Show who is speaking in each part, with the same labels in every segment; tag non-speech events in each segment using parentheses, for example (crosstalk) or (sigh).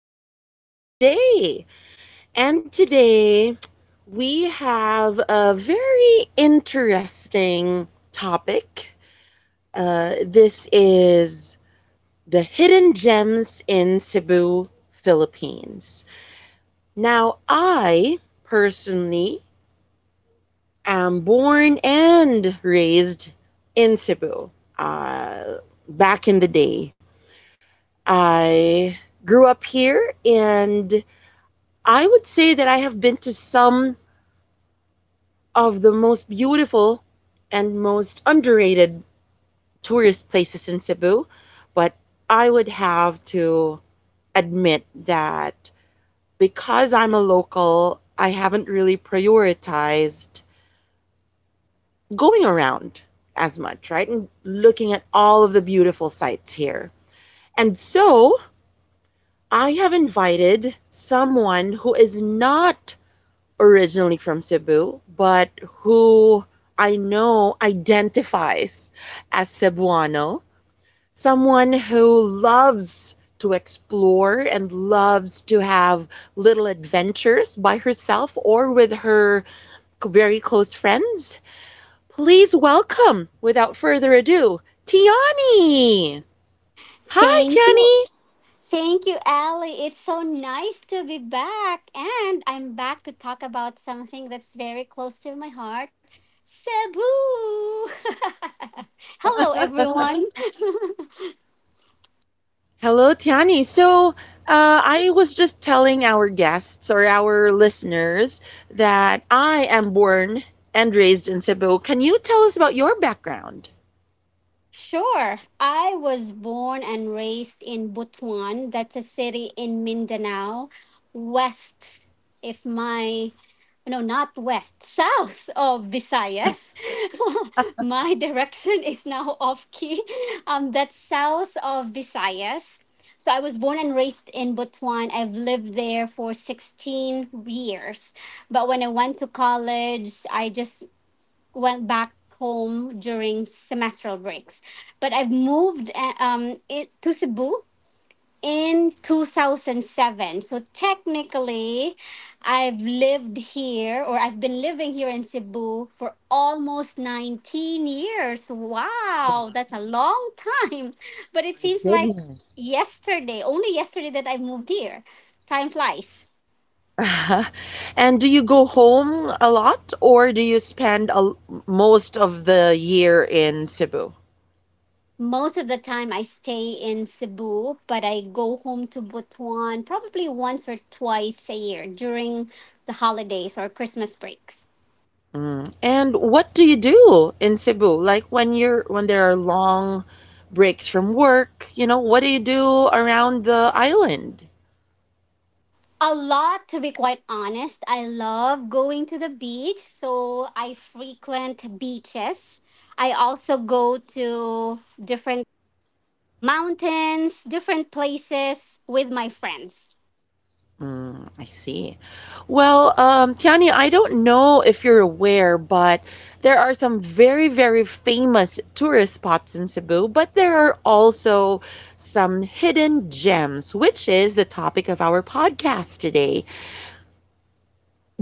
Speaker 1: podcast for today. And today we have a very interesting topic. This is the hidden gems in Cebu, Philippines. Now, I personally am born and raised in Cebu uh, back in the day I grew up here, and I would say that I have been to some of the most beautiful and most underrated tourist places in Cebu, but I would have to admit that because I'm a local, I haven't really prioritized going around as much, right? And looking at all of the beautiful sights here. And so I have invited someone who is not originally from Cebu, but who I know identifies as Cebuano, someone who loves to explore and loves to have little adventures by herself or with her very close friends. Please welcome, without further ado, Tiani. Hi,
Speaker 2: Thank you.
Speaker 1: Tiani.
Speaker 2: Thank you, Ali. It's so nice to be back. And I'm back to talk about something that's very close to my heart, Cebu. (laughs) Hello, everyone. (laughs)
Speaker 1: Hello, Tiani. So, I was just telling our guests or our listeners that I am born and raised in Cebu. Can you tell us about your background?
Speaker 2: Sure. I was born and raised in Butuan. That's a city in Mindanao, west, if my no, not west, south of Visayas. (laughs) My direction is now off key. That's south of Visayas. So I was born and raised in Butuan. I've lived there for 16 years. But when I went to college, I just went back home during semestral breaks. But I've moved to Cebu in 2007. So technically, I've lived here, or I've been living here in Cebu for almost 19 years. Wow, that's a long time. (laughs) But it
Speaker 1: My
Speaker 2: seems like
Speaker 1: goodness.
Speaker 2: yesterday, only yesterday, that I moved here. Time flies.
Speaker 1: (laughs) And do you go home a lot or do you spend most of the year in Cebu?
Speaker 2: Most of the time I stay in Cebu, but I go home to Butuan probably once or twice a year during the holidays or Christmas breaks.
Speaker 1: Mm. And what do you do in Cebu? Like when you're when there are long breaks from work, what do you do around the island?
Speaker 2: A lot, to be quite honest. I love going to the beach, so I frequent beaches. I also go to different mountains, different places with my friends.
Speaker 1: Mm, I see. Well, Tiani, I don't know if you're aware, but there are some very, very famous tourist spots in Cebu, but there are also some hidden gems, which is the topic of our podcast today.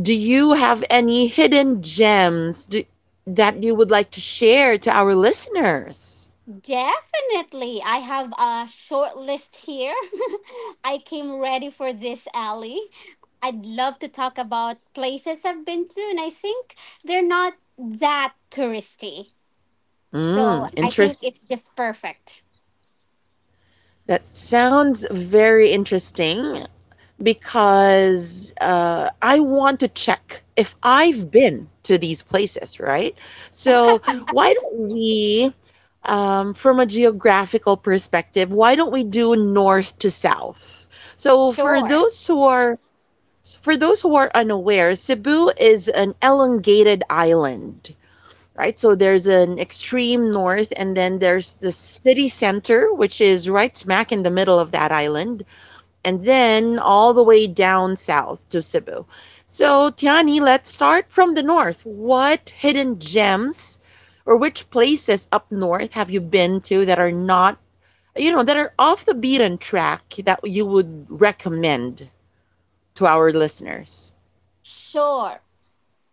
Speaker 1: Do you have any hidden gems that you would like to share to our listeners?
Speaker 2: Definitely, I have a short list here. (laughs) I came ready for this, Ally. I'd love to talk about places I've been to, and I think they're not that touristy. So
Speaker 1: Mm,
Speaker 2: I think
Speaker 1: interest.
Speaker 2: it's just perfect.
Speaker 1: That sounds very interesting. Because I want to check if I've been to these places, right? So, why don't we, from a geographical perspective, why don't we do north to south? So,
Speaker 2: Sure.
Speaker 1: for those who are unaware, Cebu is an elongated island, right? So there's an extreme north, and then there's the city center, which is right smack in the middle of that island and then all the way down south to Cebu. So, Tiani, let's start from the north. What hidden gems or which places up north have you been to that are not, that are off the beaten track that you would recommend to our listeners?
Speaker 2: Sure.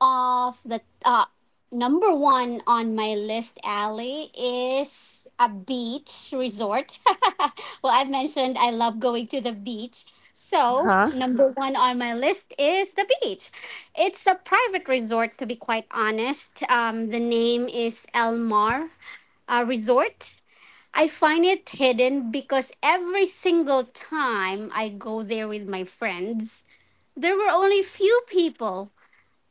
Speaker 2: Of the Number one on my list, Ali, is a beach resort. (laughs) Well, I've mentioned I love going to the beach. So,
Speaker 1: Huh?
Speaker 2: number (laughs) one on my list is the beach. It's a private resort, to be quite honest. The name is El Mar Resort. I find it hidden because every single time I go there with my friends, there were only few people.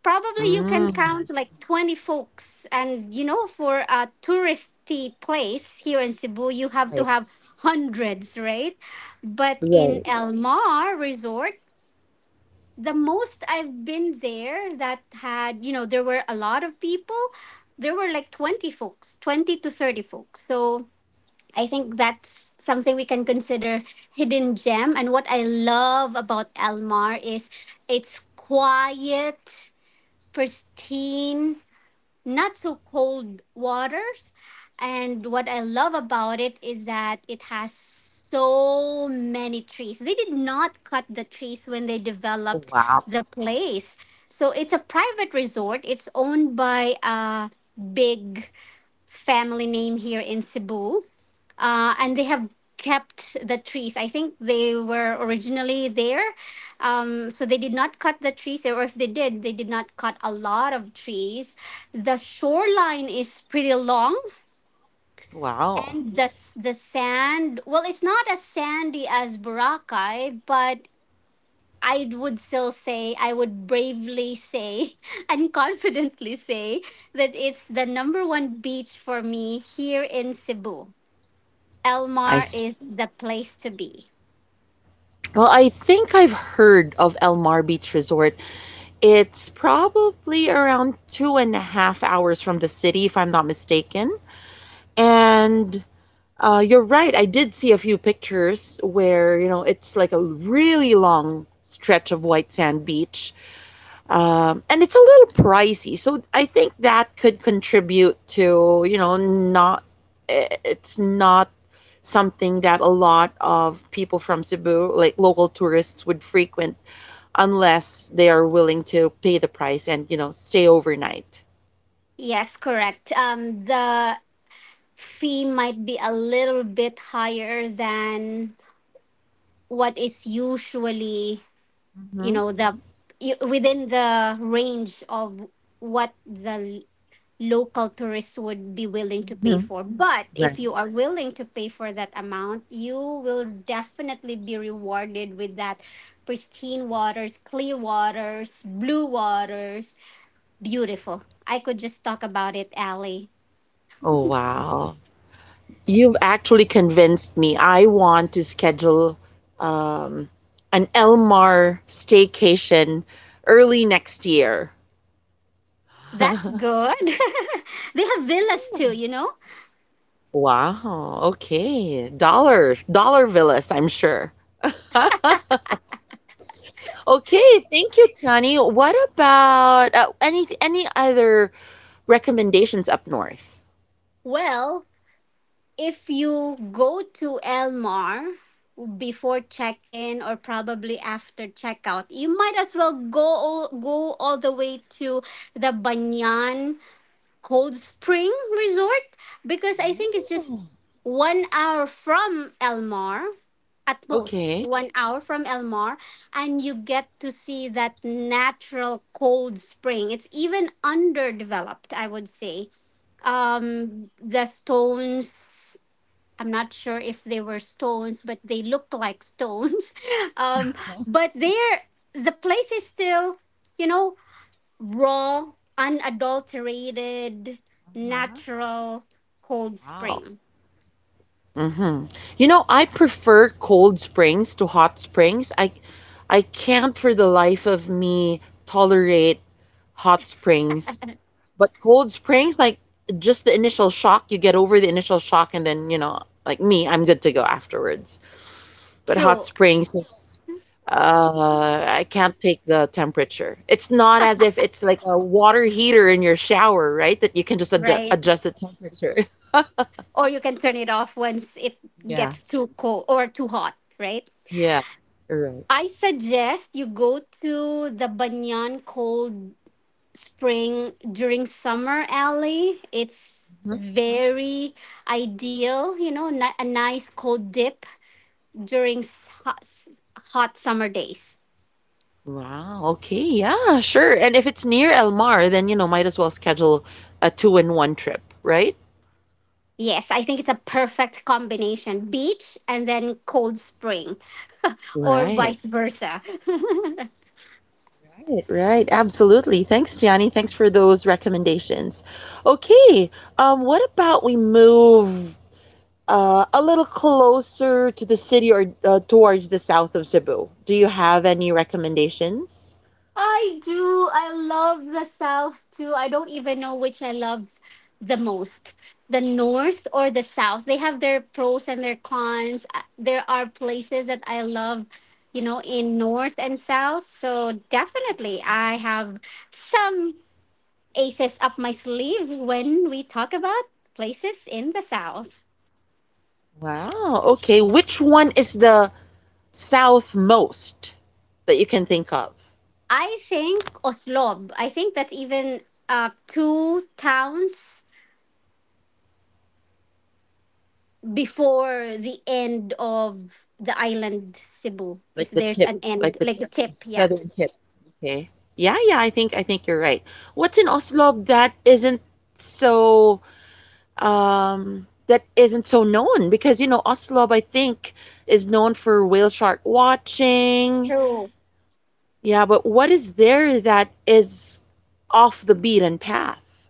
Speaker 2: Probably you can count
Speaker 1: Mm,
Speaker 2: like 20 folks, and you know, for a touristy place here in Cebu, you have to
Speaker 1: right.
Speaker 2: have hundreds, right? But in
Speaker 1: Right.
Speaker 2: El Mar Resort, the most I've been there, that had, you know, there were a lot of people, there were like 20 folks, 20 to 30 folks. So I think that's something we can consider hidden gem. And what I love about El Mar is it's quiet, pristine, not so cold waters. And what I love about it is that it has so many trees. They did not cut the trees when they
Speaker 1: Oh,
Speaker 2: developed
Speaker 1: wow.
Speaker 2: the place. So it's a private resort. It's owned by a big family name here in Cebu, and they have kept the trees. I think they were originally there, so they did not cut the trees, or if they did, they did not cut a lot of trees. The shoreline is pretty long.
Speaker 1: Wow.
Speaker 2: And the sand, well, it's not as sandy as Boracay, but I would still say, I would bravely say, (laughs) and confidently say that it's the number one beach for me here in Cebu. El
Speaker 1: I
Speaker 2: Mar
Speaker 1: s-
Speaker 2: is the place to be.
Speaker 1: well, I think I've heard of El Mar Beach Resort. It's probably around 2.5 hours from the city, if I'm not mistaken. And you're right, I did see a few pictures where, it's like a really long stretch of white sand beach. And it's a little pricey. So I think that could contribute to, not, it's not something that a lot of people from Cebu, like local tourists, would frequent unless they are willing to pay the price and, stay overnight.
Speaker 2: Yes, correct. The fee might be a little bit higher than what is usually, you
Speaker 1: Mhm.
Speaker 2: know, the within the range of what the local tourists would be willing to pay
Speaker 1: Mhm.
Speaker 2: for. But
Speaker 1: Right.
Speaker 2: if you are willing to pay for that amount, you will definitely be rewarded with that pristine waters, clear waters, blue waters. Beautiful. I could just talk about it, Ali.
Speaker 1: Oh, wow. You've actually convinced me. I want to schedule um, an Elmar staycation early next year.
Speaker 2: That's
Speaker 1: (laughs)
Speaker 2: good. (laughs) They have villas too, you know?
Speaker 1: Wow. Okay. Dollar, dollar villas, I'm sure. (laughs) Okay. Thank you, Tiani. What about any other recommendations up north?
Speaker 2: Well, if you go to Elmar before check-in or probably after checkout, you might as well go go all the way to the Banyan Cold Spring Resort, because I think it's just 1 hour from Elmar, at most
Speaker 1: Okay.
Speaker 2: 1 hour from Elmar. And you get to see that natural cold spring. It's even underdeveloped, I would say. The stones, I'm not sure if they were stones, but they looked like stones. (laughs) Um, but there, the place is still, you know, raw, unadulterated,
Speaker 1: Uh-huh.
Speaker 2: natural cold
Speaker 1: Wow.
Speaker 2: spring.
Speaker 1: Mm-hmm. I prefer cold springs to hot springs. I can't for the life of me tolerate hot springs. But cold springs, like just the initial shock, you get over the initial shock and then, like me, I'm good to go afterwards. But hot
Speaker 2: True,
Speaker 1: springs, I can't take the temperature. It's not as if it's like a water heater in your shower, right? That you can just ad
Speaker 2: right?
Speaker 1: adjust the temperature.
Speaker 2: Or you can turn it off once it
Speaker 1: Yeah,
Speaker 2: gets too cold or too hot, right?
Speaker 1: yeah, right.
Speaker 2: I suggest you go to the Banyan Cold Spring during summer, alley it's
Speaker 1: Mhm.
Speaker 2: very ideal, you know, a nice cold dip during hot summer days.
Speaker 1: Wow, okay, yeah, sure. And if it's near El Mar, then might as well schedule a two in one trip, right?
Speaker 2: Yes, I think it's a perfect combination, beach and then cold spring, or
Speaker 1: Right.
Speaker 2: vice versa. (laughs)
Speaker 1: Right, right. Absolutely. Thanks, Tiani. Thanks for those recommendations. Okay, what about we move a little closer to the city or towards the south of Cebu? Do you have any recommendations?
Speaker 2: I do. I love the South too. I don't even know which I love the most, the North or the South. They have their pros and their cons. There are places that I love, you know, in North and South. So definitely, I have some aces up my sleeve when we talk about places in the South.
Speaker 1: Wow, okay. Which one is the southmost that you can think of,
Speaker 2: I think Oslob. I think that's even two towns before the end of the island Cebu, if
Speaker 1: like the
Speaker 2: there's
Speaker 1: tip,
Speaker 2: an
Speaker 1: like
Speaker 2: end,
Speaker 1: the
Speaker 2: like
Speaker 1: tip,
Speaker 2: the tip, yeah.
Speaker 1: southern tip. Okay. Yeah, yeah. I think you're right. What's in Oslob so that isn't so known because Oslob I think is known for whale shark watching.
Speaker 2: True.
Speaker 1: Yeah, but what is there that is off the beaten path?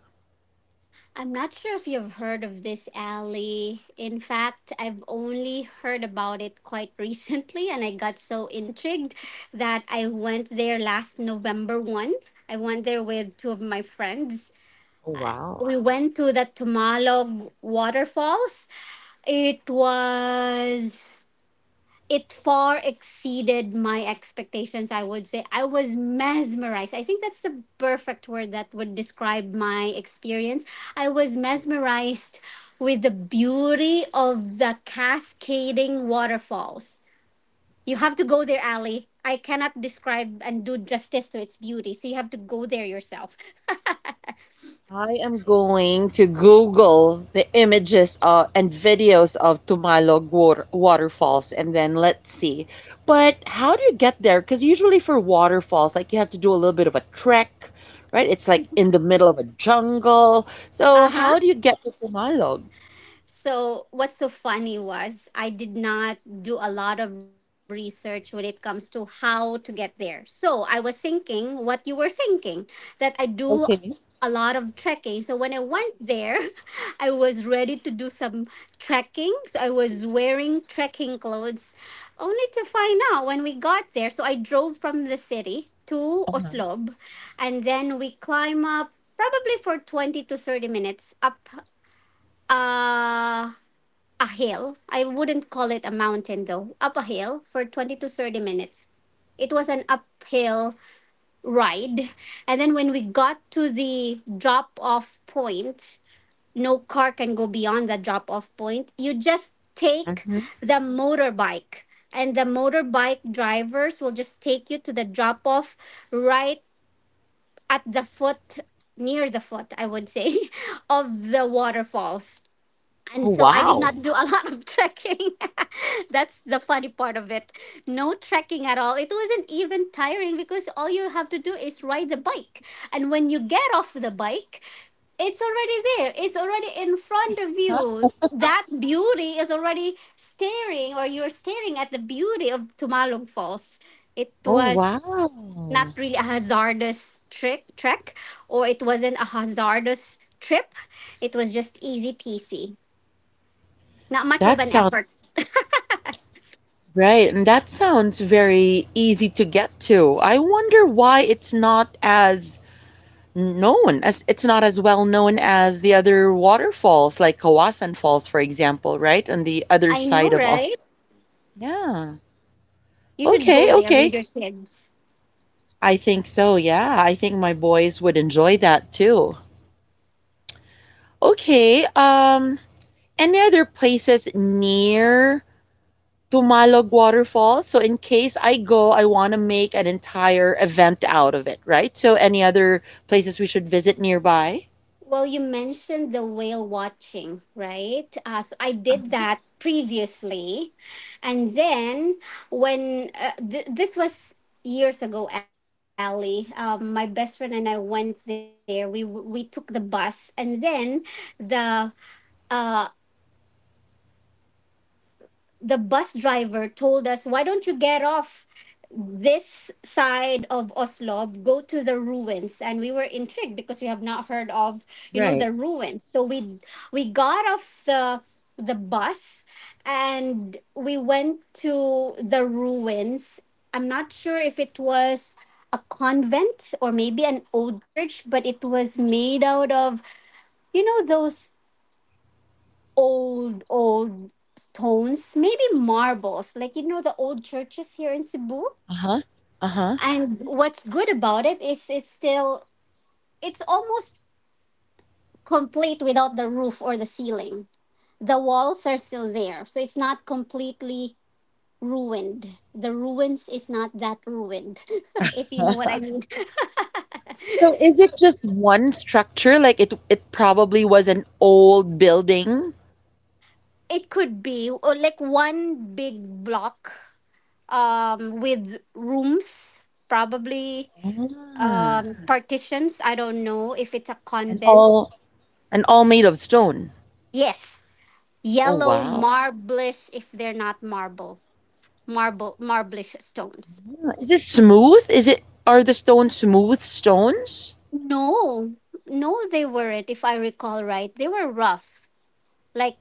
Speaker 2: I'm not sure if you've heard of this, alley. In fact, I've only heard about it quite (laughs) recently, and I got so intrigued that I went there last November 1. I went there with two of my friends.
Speaker 1: Oh
Speaker 2: Uh,
Speaker 1: wow.
Speaker 2: we went to the Tumalog waterfalls. It was, it far exceeded my expectations, I would say. I was mesmerized. I think that's the perfect word that would describe my experience. I was mesmerized with the beauty of the cascading waterfalls. You have to go there, Ali. I cannot describe and do justice to its beauty, so you have to go there yourself.
Speaker 1: I am going to Google the images of, and videos of Tumalog waterfalls and then let's see. But how do you get there? Because usually for waterfalls, like you have to do a little bit of a trek, right? It's like in the middle of a jungle. So
Speaker 2: Uh-huh.
Speaker 1: how do you get to Tumalog?
Speaker 2: So, what's so funny was I did not do a lot of research when it comes to how to get there. So, I was thinking what you were thinking, that I do a
Speaker 1: Okay.
Speaker 2: lot of trekking. So, when I went there, (laughs) I was ready to do some trekking. So, I was wearing trekking clothes, only to find out when we got there. So, I drove from the city to
Speaker 1: Uh-huh.
Speaker 2: Oslob, and then we climb up probably for 20 to 30 minutes up uh a hill. I wouldn't call it a mountain though. Up a hill for 20 to 30 minutes. It was an uphill ride. And then when we got to the drop off point, no car can go beyond the drop off point. You just take
Speaker 1: Hmm.
Speaker 2: the motorbike, and the motorbike drivers will just take you to the drop off, right at the foot, near the foot, I would say, (laughs) of the waterfalls. And
Speaker 1: Oh,
Speaker 2: so I did not
Speaker 1: wow.
Speaker 2: do a lot of (laughs) trekking. (laughs) That's the funny part of it. No trekking at all. It wasn't even tiring because all you have to do is ride the bike. And when you get off the bike, it's already there. It's already in front of you. That beauty is already staring, or you're staring at the beauty of Tumalog Falls. It
Speaker 1: Oh,
Speaker 2: was not
Speaker 1: wow.
Speaker 2: really a hazardous trick trek, or it wasn't a hazardous trip. It was just easy peasy. Not much of
Speaker 1: That
Speaker 2: an
Speaker 1: sounds
Speaker 2: effort.
Speaker 1: right. And that sounds very easy to get to. I wonder why it's not as known as it's not as well known as the other waterfalls like Kawasan Falls for example, right? On the other
Speaker 2: I know,
Speaker 1: side of Aus.
Speaker 2: right?
Speaker 1: Yeah.
Speaker 2: You should go
Speaker 1: Okay,
Speaker 2: there with
Speaker 1: okay.
Speaker 2: your kids.
Speaker 1: I think so. Yeah, I think my boys would enjoy that too. Okay. Any other places near Tumalog Waterfall? So in case I go, I want to make an entire event out of it, right? So any other places we should visit nearby?
Speaker 2: Well, you mentioned the whale watching, right? So I did
Speaker 1: Uh-huh.
Speaker 2: that previously. And then this was years ago, Ali. Um, my best friend and I went there. We took the bus, and then the uh, the bus driver told us, why don't you get off this side of Oslo, go to the ruins? And we were intrigued because we have not heard of, you know,
Speaker 1: Right.
Speaker 2: the ruins. So we got off the bus and we went to the ruins. I'm not sure if it was a convent or maybe an old church, but it was made out of, you know, those old stones, maybe marbles, like, you know, the old churches here in Cebu.
Speaker 1: Uh-huh. Uh-huh.
Speaker 2: And what's good about it is it's still, it's almost complete without the roof or the ceiling. The walls are still there, so it's not completely ruined. The ruins is not that ruined, (laughs) if you know
Speaker 1: (laughs)
Speaker 2: what I mean. (laughs)
Speaker 1: So is it just one structure? Like it probably was an old building.
Speaker 2: It could be, or like one big block, um, with rooms, probably,
Speaker 1: Ah,
Speaker 2: um, partitions. I don't know if it's a
Speaker 1: and
Speaker 2: convent.
Speaker 1: all and all made of stone.
Speaker 2: Yes,
Speaker 1: Oh
Speaker 2: yellow
Speaker 1: wow.
Speaker 2: marblish, if they're not marble, marblish stones.
Speaker 1: Ah, Is it smooth? Is it are the stones smooth stones?
Speaker 2: No, no, they weren't. If I recall right, they were rough. Like,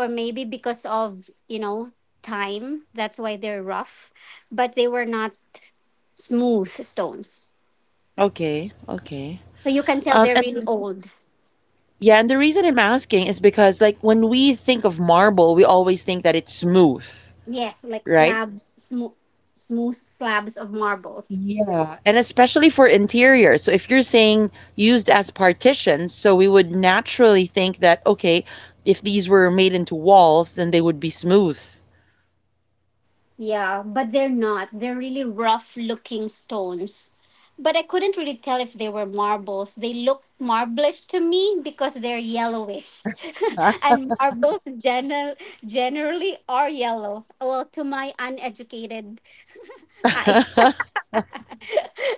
Speaker 2: or maybe because of, you know, time, that's why they're rough. But they were not smooth stones,
Speaker 1: Okay, okay.
Speaker 2: so you can tell
Speaker 1: Um
Speaker 2: they're
Speaker 1: and the-
Speaker 2: really Mhm. old.
Speaker 1: yeah, and the reason I'm asking is because like when we think of marble, we always think that it's smooth,
Speaker 2: Yes, like
Speaker 1: right?
Speaker 2: slabs, smooth, smooth slabs of marbles.
Speaker 1: Yeah, and especially for interior. So if you're saying used as partitions, so we would naturally think that, okay, if these were made into walls, then they would be smooth.
Speaker 2: Yeah, but they're not. They're really rough looking stones. But I couldn't really tell if they were marbles. They look marblish to me because they're yellowish. (laughs) And generally are yellow. Well, to my uneducated eyes.
Speaker 1: (laughs)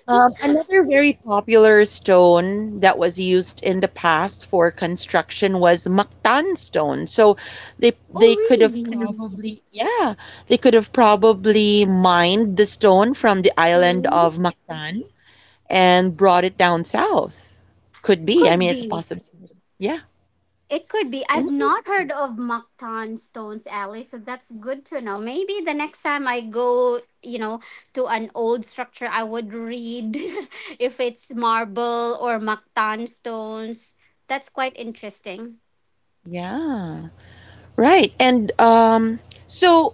Speaker 1: Another very popular stone that was used in the past for construction was Mactan stone. So they
Speaker 2: Oh,
Speaker 1: they could have
Speaker 2: really?
Speaker 1: probably yeah, they could have probably mined the stone from the island
Speaker 2: Mm,
Speaker 1: of Mactan and brought it down south. Could be. I mean,
Speaker 2: could
Speaker 1: it's a
Speaker 2: be.
Speaker 1: possibility. Yeah.
Speaker 2: It could be. I've not
Speaker 1: Interesting.
Speaker 2: heard of Mactan Stones, Alley, so that's good to know. Maybe the next time I go, you know, to an old structure, I would read (laughs) if it's marble or Mactan stones. That's quite interesting.
Speaker 1: Yeah. Right. And so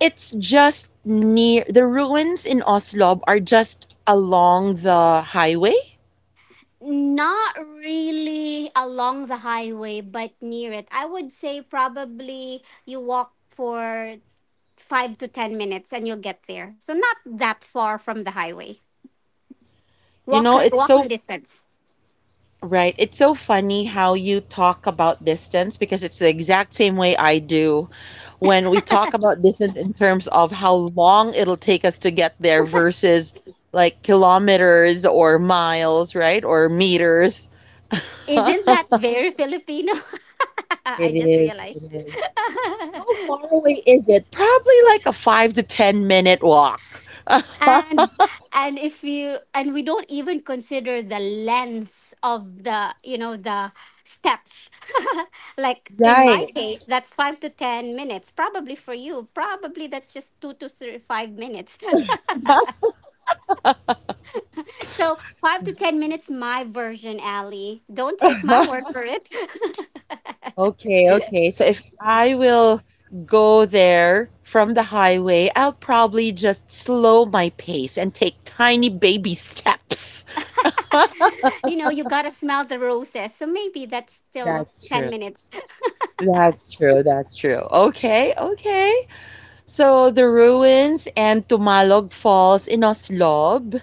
Speaker 1: it's just near the ruins in Oslob are just along the highway.
Speaker 2: Not really along the highway, but near it. I would say probably you walk for 5 to 10 minutes and you'll get there. So not that far from the highway.
Speaker 1: You
Speaker 2: Walk
Speaker 1: know, it's so
Speaker 2: walking distance.
Speaker 1: Right. It's so funny how you talk about distance because it's the exact same way I do when we talk about distance in terms of how long it'll take us to get there versus like kilometers or miles, right? Or meters.
Speaker 2: Isn't
Speaker 1: (laughs)
Speaker 2: that very Filipino? (laughs) I
Speaker 1: It
Speaker 2: just
Speaker 1: is.
Speaker 2: realized.
Speaker 1: It is. How far
Speaker 2: (laughs)
Speaker 1: away is it? Probably like a 5 to 10 minute walk. (laughs)
Speaker 2: and and if you and we don't even consider the length of the the steps. (laughs) Like in my case,
Speaker 1: Right.
Speaker 2: that's 5 to 10 minutes. Probably for you, probably that's just 2 to 3 5 minutes. (laughs) So 5 to 10 minutes, my version, Ali. Don't take my word for
Speaker 1: (laughs)
Speaker 2: it.
Speaker 1: Okay, okay. So if I will go there from the highway, I'll probably just slow my pace and take tiny baby steps. (laughs)
Speaker 2: (laughs) You gotta smell the roses. So maybe that's still
Speaker 1: That's
Speaker 2: ten
Speaker 1: true.
Speaker 2: minutes.
Speaker 1: That's true. That's true. Okay, okay. So the ruins and Tumalog Falls in Oslob.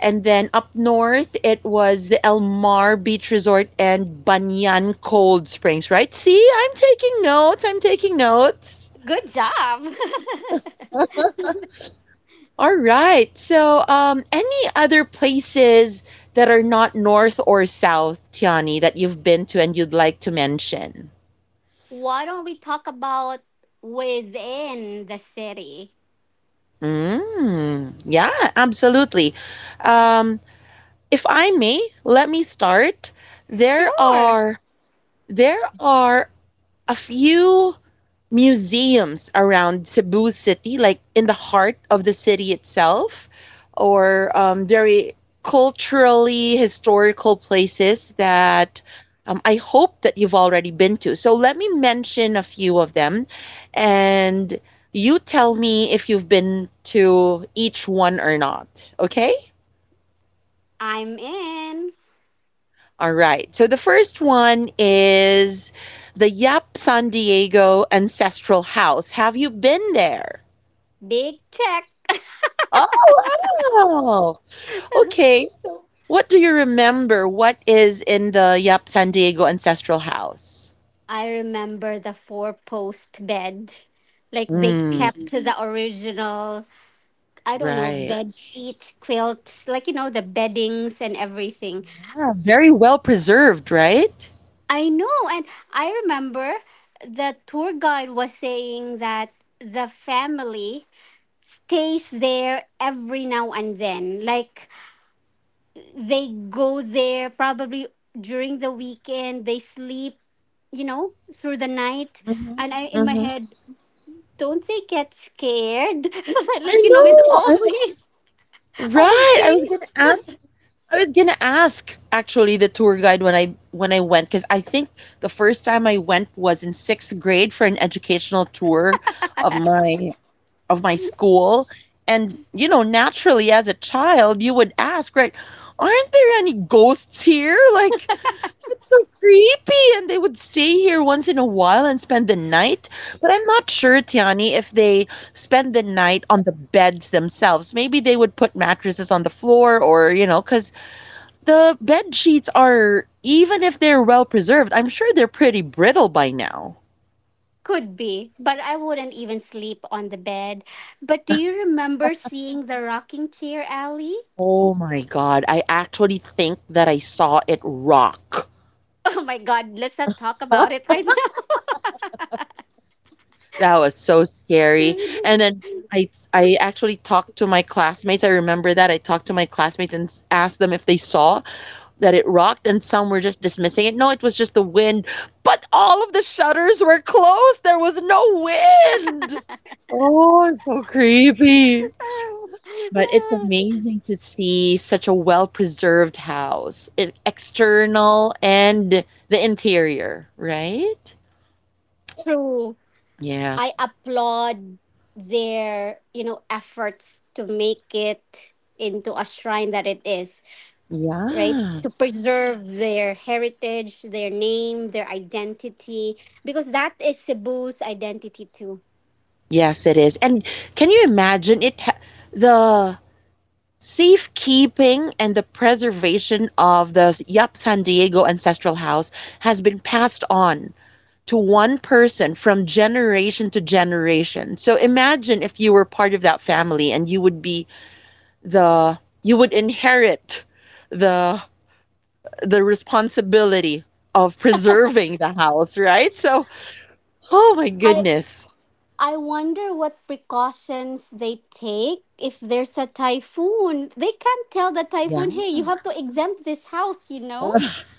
Speaker 1: And then up north, it was the El Mar Beach Resort and Banyan Cold Springs, right? See, I'm taking notes. I'm taking notes.
Speaker 2: Good job. (laughs)
Speaker 1: All right. So, any other places that are not north or south, Tiani, that you've been to and you'd like to mention?
Speaker 2: Why don't we talk about within the city?
Speaker 1: Mm, yeah, absolutely. Um, if I may, let me start. There
Speaker 2: Sure.
Speaker 1: are there are a few museums around Cebu City, like in the heart of the city itself, or very culturally historical places that I hope that you've already been to. So let me mention a few of them, and you tell me if you've been to each one or not. Okay?
Speaker 2: I'm in.
Speaker 1: All right. So the first one is the Yap San Diego Ancestral House. Have you been there?
Speaker 2: Big check.
Speaker 1: Oh, wow. Okay. So, what do you remember? What is in the Yap San Diego ancestral house?
Speaker 2: I remember the four post bed. Like they
Speaker 1: Hmm.
Speaker 2: kept to the original, I don't know,
Speaker 1: Right.
Speaker 2: bed sheets, quilts, like, the beddings and everything.
Speaker 1: Ah, very well preserved, right?
Speaker 2: I know. And I remember the tour guide was saying that the family stays there every now and then. Like they go there probably during the weekend, they sleep, through the night.
Speaker 1: Mm-hmm.
Speaker 2: And I in my
Speaker 1: Mm-hmm.
Speaker 2: head, don't they get scared? (laughs)
Speaker 1: I
Speaker 2: Like, with
Speaker 1: know.
Speaker 2: all
Speaker 1: I
Speaker 2: (laughs)
Speaker 1: was
Speaker 2: these old
Speaker 1: right. I was
Speaker 2: things.
Speaker 1: gonna ask. Actually the tour guide when I went because I think the first time I went was in sixth grade for an educational tour of my of my school and naturally as a child you would ask, right? Aren't there any ghosts here? Like, it's so creepy. And they would stay here once in a while and spend the night, but I'm not sure, Tiani, if they spend the night on the beds themselves. Maybe they would put mattresses on the floor, or because the bed sheets are, even if they're well preserved, I'm sure they're pretty brittle by now.
Speaker 2: Could be, but I wouldn't even sleep on the bed. But do you remember seeing the rocking chair, Ally? (laughs)
Speaker 1: Oh my god, I actually think that I saw it rock.
Speaker 2: Oh my god, let's not talk about it right
Speaker 1: That was so scary.
Speaker 2: now.
Speaker 1: And then I actually talked to my classmates. I remember that I talked to my classmates and asked them if they saw that it rocked, and some were just dismissing it. No, it was just the wind. But all of the shutters were closed. There was no wind. Oh, it's so creepy. But it's amazing to see such a well-preserved house, e- external and the interior, right?
Speaker 2: (laughs) True. I
Speaker 1: Yeah.
Speaker 2: applaud their, efforts to make it into a shrine that it is, right?
Speaker 1: Yeah.
Speaker 2: To preserve their heritage, their name, their identity, because that is Cebu's identity too.
Speaker 1: Yes, it is. And can you imagine it ha the safekeeping and the preservation of the s- Yap San Diego ancestral house has been passed on to one person from generation to generation. So imagine if you were part of that family and you would be the you would inherit the the responsibility of preserving the house, right? So, oh my
Speaker 2: I
Speaker 1: goodness.
Speaker 2: I wonder what precautions they take if there's a typhoon. They can't tell the
Speaker 1: Yeah.
Speaker 2: typhoon, "Hey, you have to exempt this house," you know?
Speaker 1: (laughs)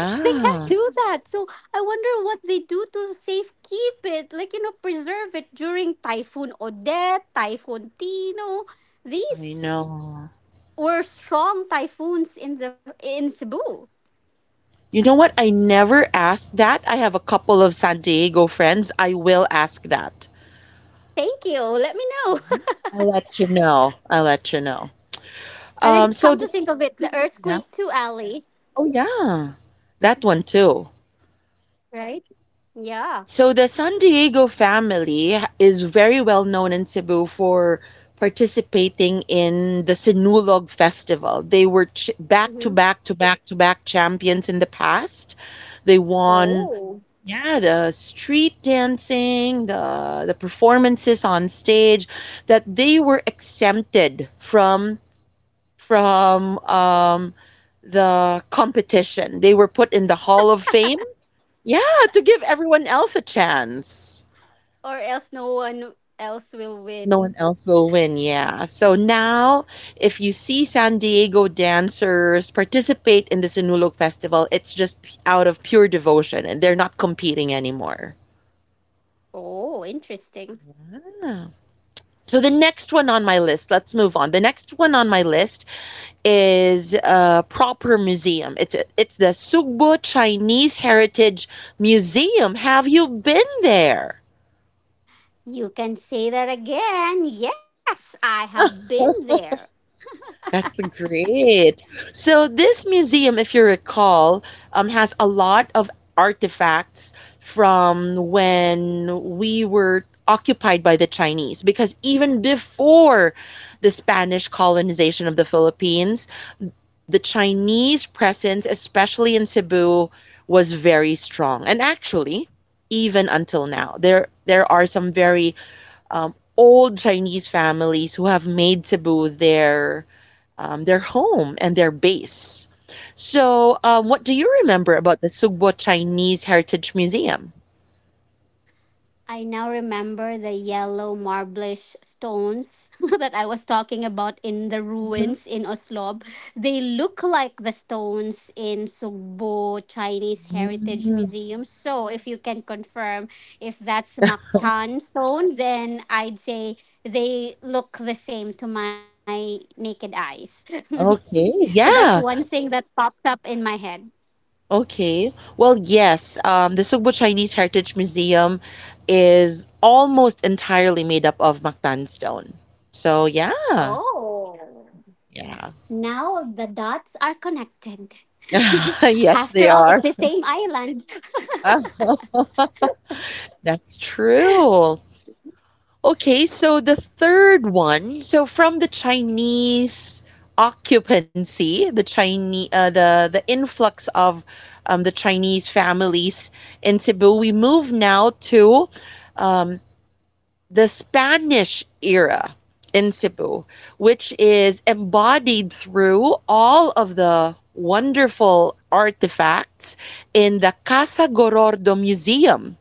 Speaker 2: They can't do that. So I wonder what they do to safe keep it, like preserve it during Typhoon Odette, Typhoon Tino.
Speaker 1: I
Speaker 2: These
Speaker 1: know.
Speaker 2: were strong typhoons in the in Cebu.
Speaker 1: You know what? I never asked that. I have a couple of San Diego friends. I will ask that.
Speaker 2: Thank you. Let me know. (laughs)
Speaker 1: I'll let you know. I'll let you know.
Speaker 2: And then
Speaker 1: So
Speaker 2: come to think
Speaker 1: this,
Speaker 2: of it, the (laughs)
Speaker 1: yeah.
Speaker 2: earthquake too, Ali.
Speaker 1: Oh, yeah. That one too.
Speaker 2: Right? Yeah.
Speaker 1: So the San Diego family is very well known in Cebu for participating in the Sinulog Festival. They were ch- back
Speaker 2: Hmm.
Speaker 1: to back to back to back champions in the past. They won.
Speaker 2: Oh.
Speaker 1: Yeah, the street dancing, the performances on stage, that they were exempted from from um, the competition. They were put in the Hall of Fame. Yeah, to give everyone else a chance.
Speaker 2: Or else no one else will
Speaker 1: No one
Speaker 2: win.
Speaker 1: else will win. Yeah. So now, if you see San Diego dancers participate in the Sinulog Festival, it's just p- out of pure devotion, and they're not competing anymore.
Speaker 2: Oh, interesting.
Speaker 1: Ah. So the next one on my list, let's move on. The next one on my list is a proper museum. It's a, it's the Sugbo Chinese Heritage Museum. Have you been there?
Speaker 2: You can say that again. Yes, I have been
Speaker 1: (laughs)
Speaker 2: there.
Speaker 1: That's great. So this museum, if you recall, has a lot of artifacts from when we were occupied by the Chinese, because even before the Spanish colonization of the Philippines, the Chinese presence, especially in Cebu, was very strong. And actually, even until now, there are some very old Chinese families who have made Cebu their home and their base. So, what do you remember about the Sugbo Chinese Heritage Museum?
Speaker 2: I now remember the yellow marblish stones (laughs) that I was talking about in the
Speaker 1: Mhm.
Speaker 2: ruins in Oslob. They look like the stones in Sugbo Chinese Heritage
Speaker 1: Mm,
Speaker 2: Museum. So, if you can confirm if that's Mactan stone, then I'd say they look the same to my naked eyes. (laughs)
Speaker 1: okay.
Speaker 2: So, that's one
Speaker 1: Yeah.
Speaker 2: thing that popped up in my head.
Speaker 1: Okay. Well, yes. The Cebu Chinese Heritage Museum is almost entirely made up of Mactan stone. So yeah,
Speaker 2: Oh.
Speaker 1: yeah,
Speaker 2: Now the dots are connected. (laughs)
Speaker 1: (laughs) yes,
Speaker 2: After
Speaker 1: they
Speaker 2: all, it's
Speaker 1: are.
Speaker 2: the same island.
Speaker 1: (laughs) That's true. Okay, so the third one, so from the Chinese occupancy, the Chinese, the influx of the Chinese families in Cebu, we move now to um, the Spanish era in Cebu, which is embodied through all of the wonderful artifacts in the Casa Gorordo Museum.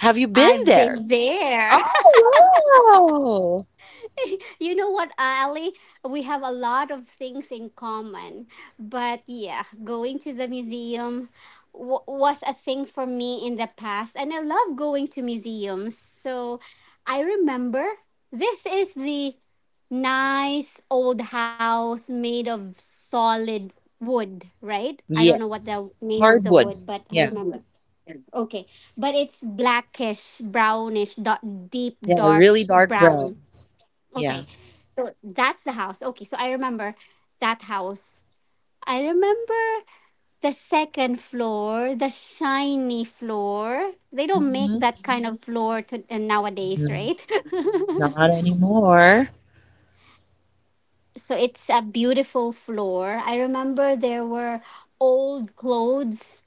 Speaker 1: Have you been
Speaker 2: I've
Speaker 1: there?
Speaker 2: been there.
Speaker 1: Oh, wow.
Speaker 2: (laughs) You know what, Ali? We have a lot of things in common. But yeah, going to the museum was a thing for me in the past. And I love going to museums. So I remember this is the nice old house made of solid wood, right? I don't know what
Speaker 1: Yes.
Speaker 2: the name of the
Speaker 1: Hardwood.
Speaker 2: wood, but I
Speaker 1: Yeah.
Speaker 2: remember. Okay, but it's blackish, brownish, deep,
Speaker 1: Yeah.
Speaker 2: dark
Speaker 1: Really dark brown.
Speaker 2: brown.
Speaker 1: Yeah.
Speaker 2: Okay. So that's the house. Okay. So I remember that house. I remember the second floor, the shiny floor. They don't make
Speaker 1: Hmm.
Speaker 2: that kind of floor to, nowadays, right? (laughs)
Speaker 1: Not anymore.
Speaker 2: So it's a beautiful floor. I remember there were old clothes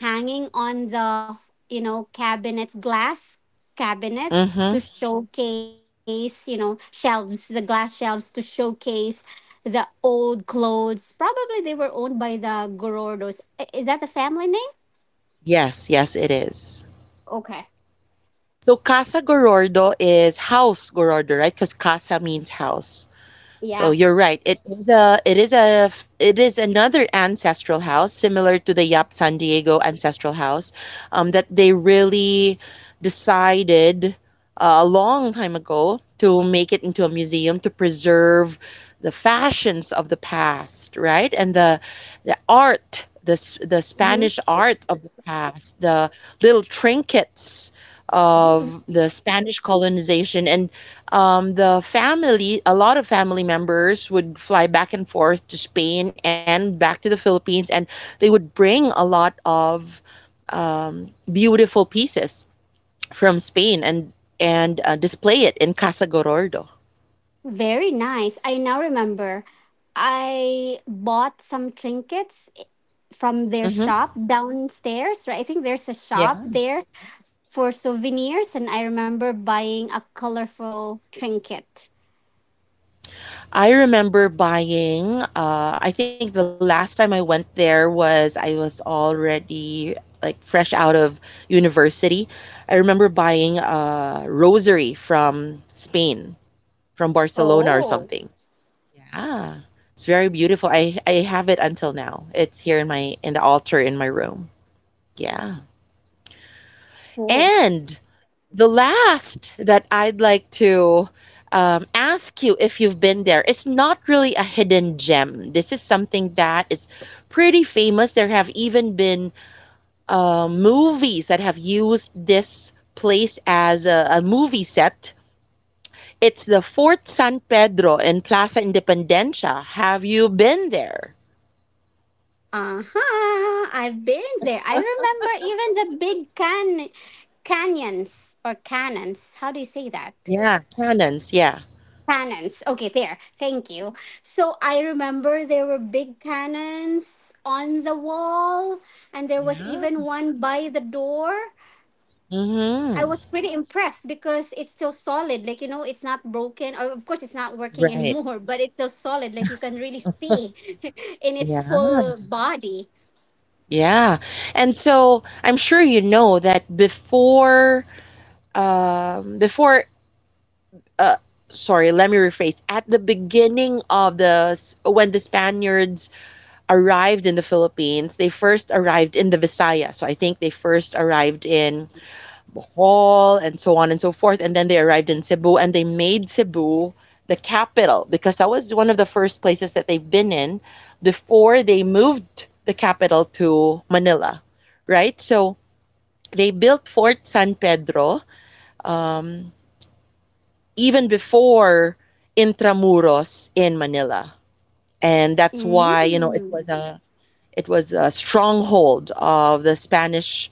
Speaker 2: hanging on the, cabinets, glass cabinets to
Speaker 1: Hmm.
Speaker 2: showcase, shelves, the glass shelves to showcase the old clothes. Probably they were owned by the Gorordos. I- Is that the family name?
Speaker 1: Yes. Yes, it is.
Speaker 2: Okay.
Speaker 1: So Casa Gorordo is House Gorordo, right? Because Casa means house.
Speaker 2: Yeah.
Speaker 1: So you're right. It is a it is a it is another ancestral house similar to the Yap San Diego ancestral house that they really decided a long time ago to make it into a museum to preserve the fashions of the past, right? And the art, the s- the
Speaker 2: Hmm.
Speaker 1: Spanish art of the past, the little trinkets
Speaker 2: (laughs)
Speaker 1: of the Spanish colonization and the family, a lot of family members would fly back and forth to Spain and back to the Philippines, and they would bring a lot of beautiful pieces from Spain and and display it in Casa Gorordo.
Speaker 2: Very nice. I now remember. I bought some trinkets from their
Speaker 1: Hmm.
Speaker 2: shop downstairs, right? I think there's a shop
Speaker 1: Yeah.
Speaker 2: there for souvenirs, and I remember buying a colorful trinket.
Speaker 1: I remember buying. I think the last time I went there was I was already like fresh out of university. I remember buying a rosary from Spain, from Barcelona or
Speaker 2: Oh,
Speaker 1: something. Yeah. Yeah, it's very beautiful. I have it until now. It's here in my in the altar in my room. Yeah.
Speaker 2: cool.
Speaker 1: And the last that I'd like to ask you if you've been there. It's not really a hidden gem. This is something that is pretty famous. There have even been movies that have used this place as a movie set. It's the Fort San Pedro in Plaza Independencia. Have you been there?
Speaker 2: Uh huh. I've been there. I remember even the big canyons or cannons. How do you say that?
Speaker 1: Yeah, cannons, yeah.
Speaker 2: Cannons. Okay, there. Thank you. So I remember there were big cannons on the wall, and there was
Speaker 1: Yeah.
Speaker 2: even one by the door. I
Speaker 1: Mhm.
Speaker 2: was pretty impressed because it's still solid. Like, you know, it's not broken. Of course, it's not working (laughs)
Speaker 1: Right.
Speaker 2: anymore, but it's still solid. Like, you can really see (laughs) in
Speaker 1: Yeah.
Speaker 2: its full body.
Speaker 1: Yeah. And so I'm sure you know that before before uh sorry, let me rephrase. At the beginning of the s- when the Spaniards arrived in the Philippines, they first arrived in the Visayas. So I think they first arrived in Bohol, and so on and so forth. And then they arrived in Cebu and they made Cebu the capital because that was one of the first places that they've been in before they moved the capital to Manila, right? So they built Fort San Pedro um, even before Intramuros in Manila. And that's why, you know,
Speaker 2: Mm.
Speaker 1: it was a stronghold of the Spanish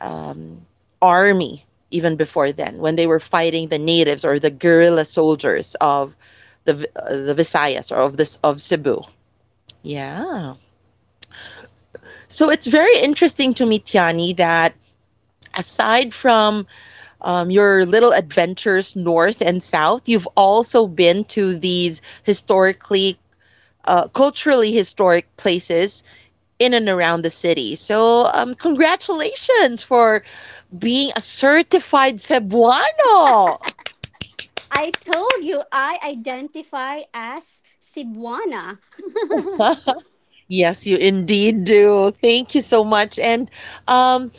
Speaker 1: um, army even before then, when they were fighting the natives or the guerrilla soldiers of the Visayas or of this of Cebu. Yeah. So it's very interesting to me, Tiani, that aside from your little adventures north and south, you've also been to these historically, culturally historic places in and around the city. So, congratulations for being a certified Cebuano.
Speaker 2: I told you I identify as Cebuana. (laughs)
Speaker 1: (laughs) Yes, you indeed do. Thank you so much. And um,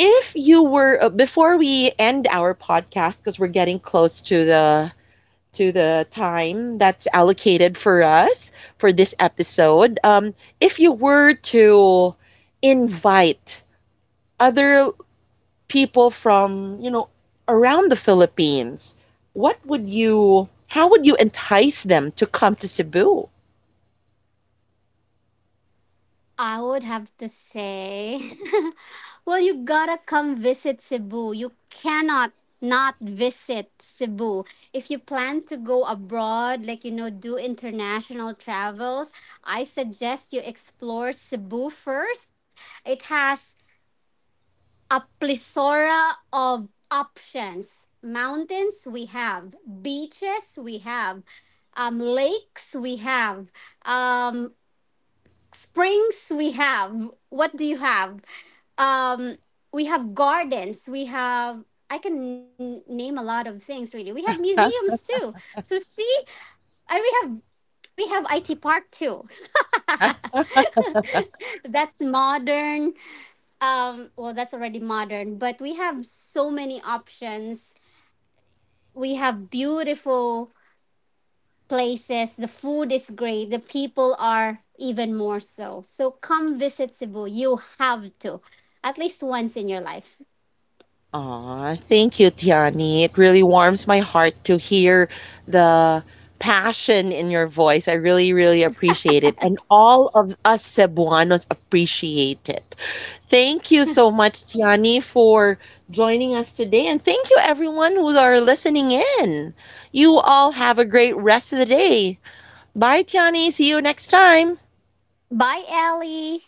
Speaker 1: if you were before we end our podcast, because we're getting close to the time that's allocated for us for this episode, if you were to invite other people from, you know, around the Philippines, what would you? How would you entice them to come to Cebu?
Speaker 2: I would have to say, (laughs) well, you gotta come visit Cebu. You cannot not visit Cebu. If you plan to go abroad, like, do international travels, I suggest you explore Cebu first. It has a plethora of options. Mountains, we have. Beaches, we have. Lakes, we have. Um springs we have, what do you have, um we have gardens, we have, I can name a lot of things, really, we have museums too, so see, and we have it park too.
Speaker 1: (laughs)
Speaker 2: (laughs) That's modern. Well, that's already modern, but we have so many options, we have beautiful places. The food is great. The people are even more so. So come visit Cebu. You have to, at least once in your life.
Speaker 1: Aw, thank you, Tiani. It really warms my heart to hear the passion in your voice. I really, really appreciate it. And all of us Cebuanos appreciate it. Thank you so much, Tiani, for joining us today. And thank you, everyone who are listening in. You all have a great rest of the day. Bye, Tiani. See you next time.
Speaker 2: Bye, Ellie.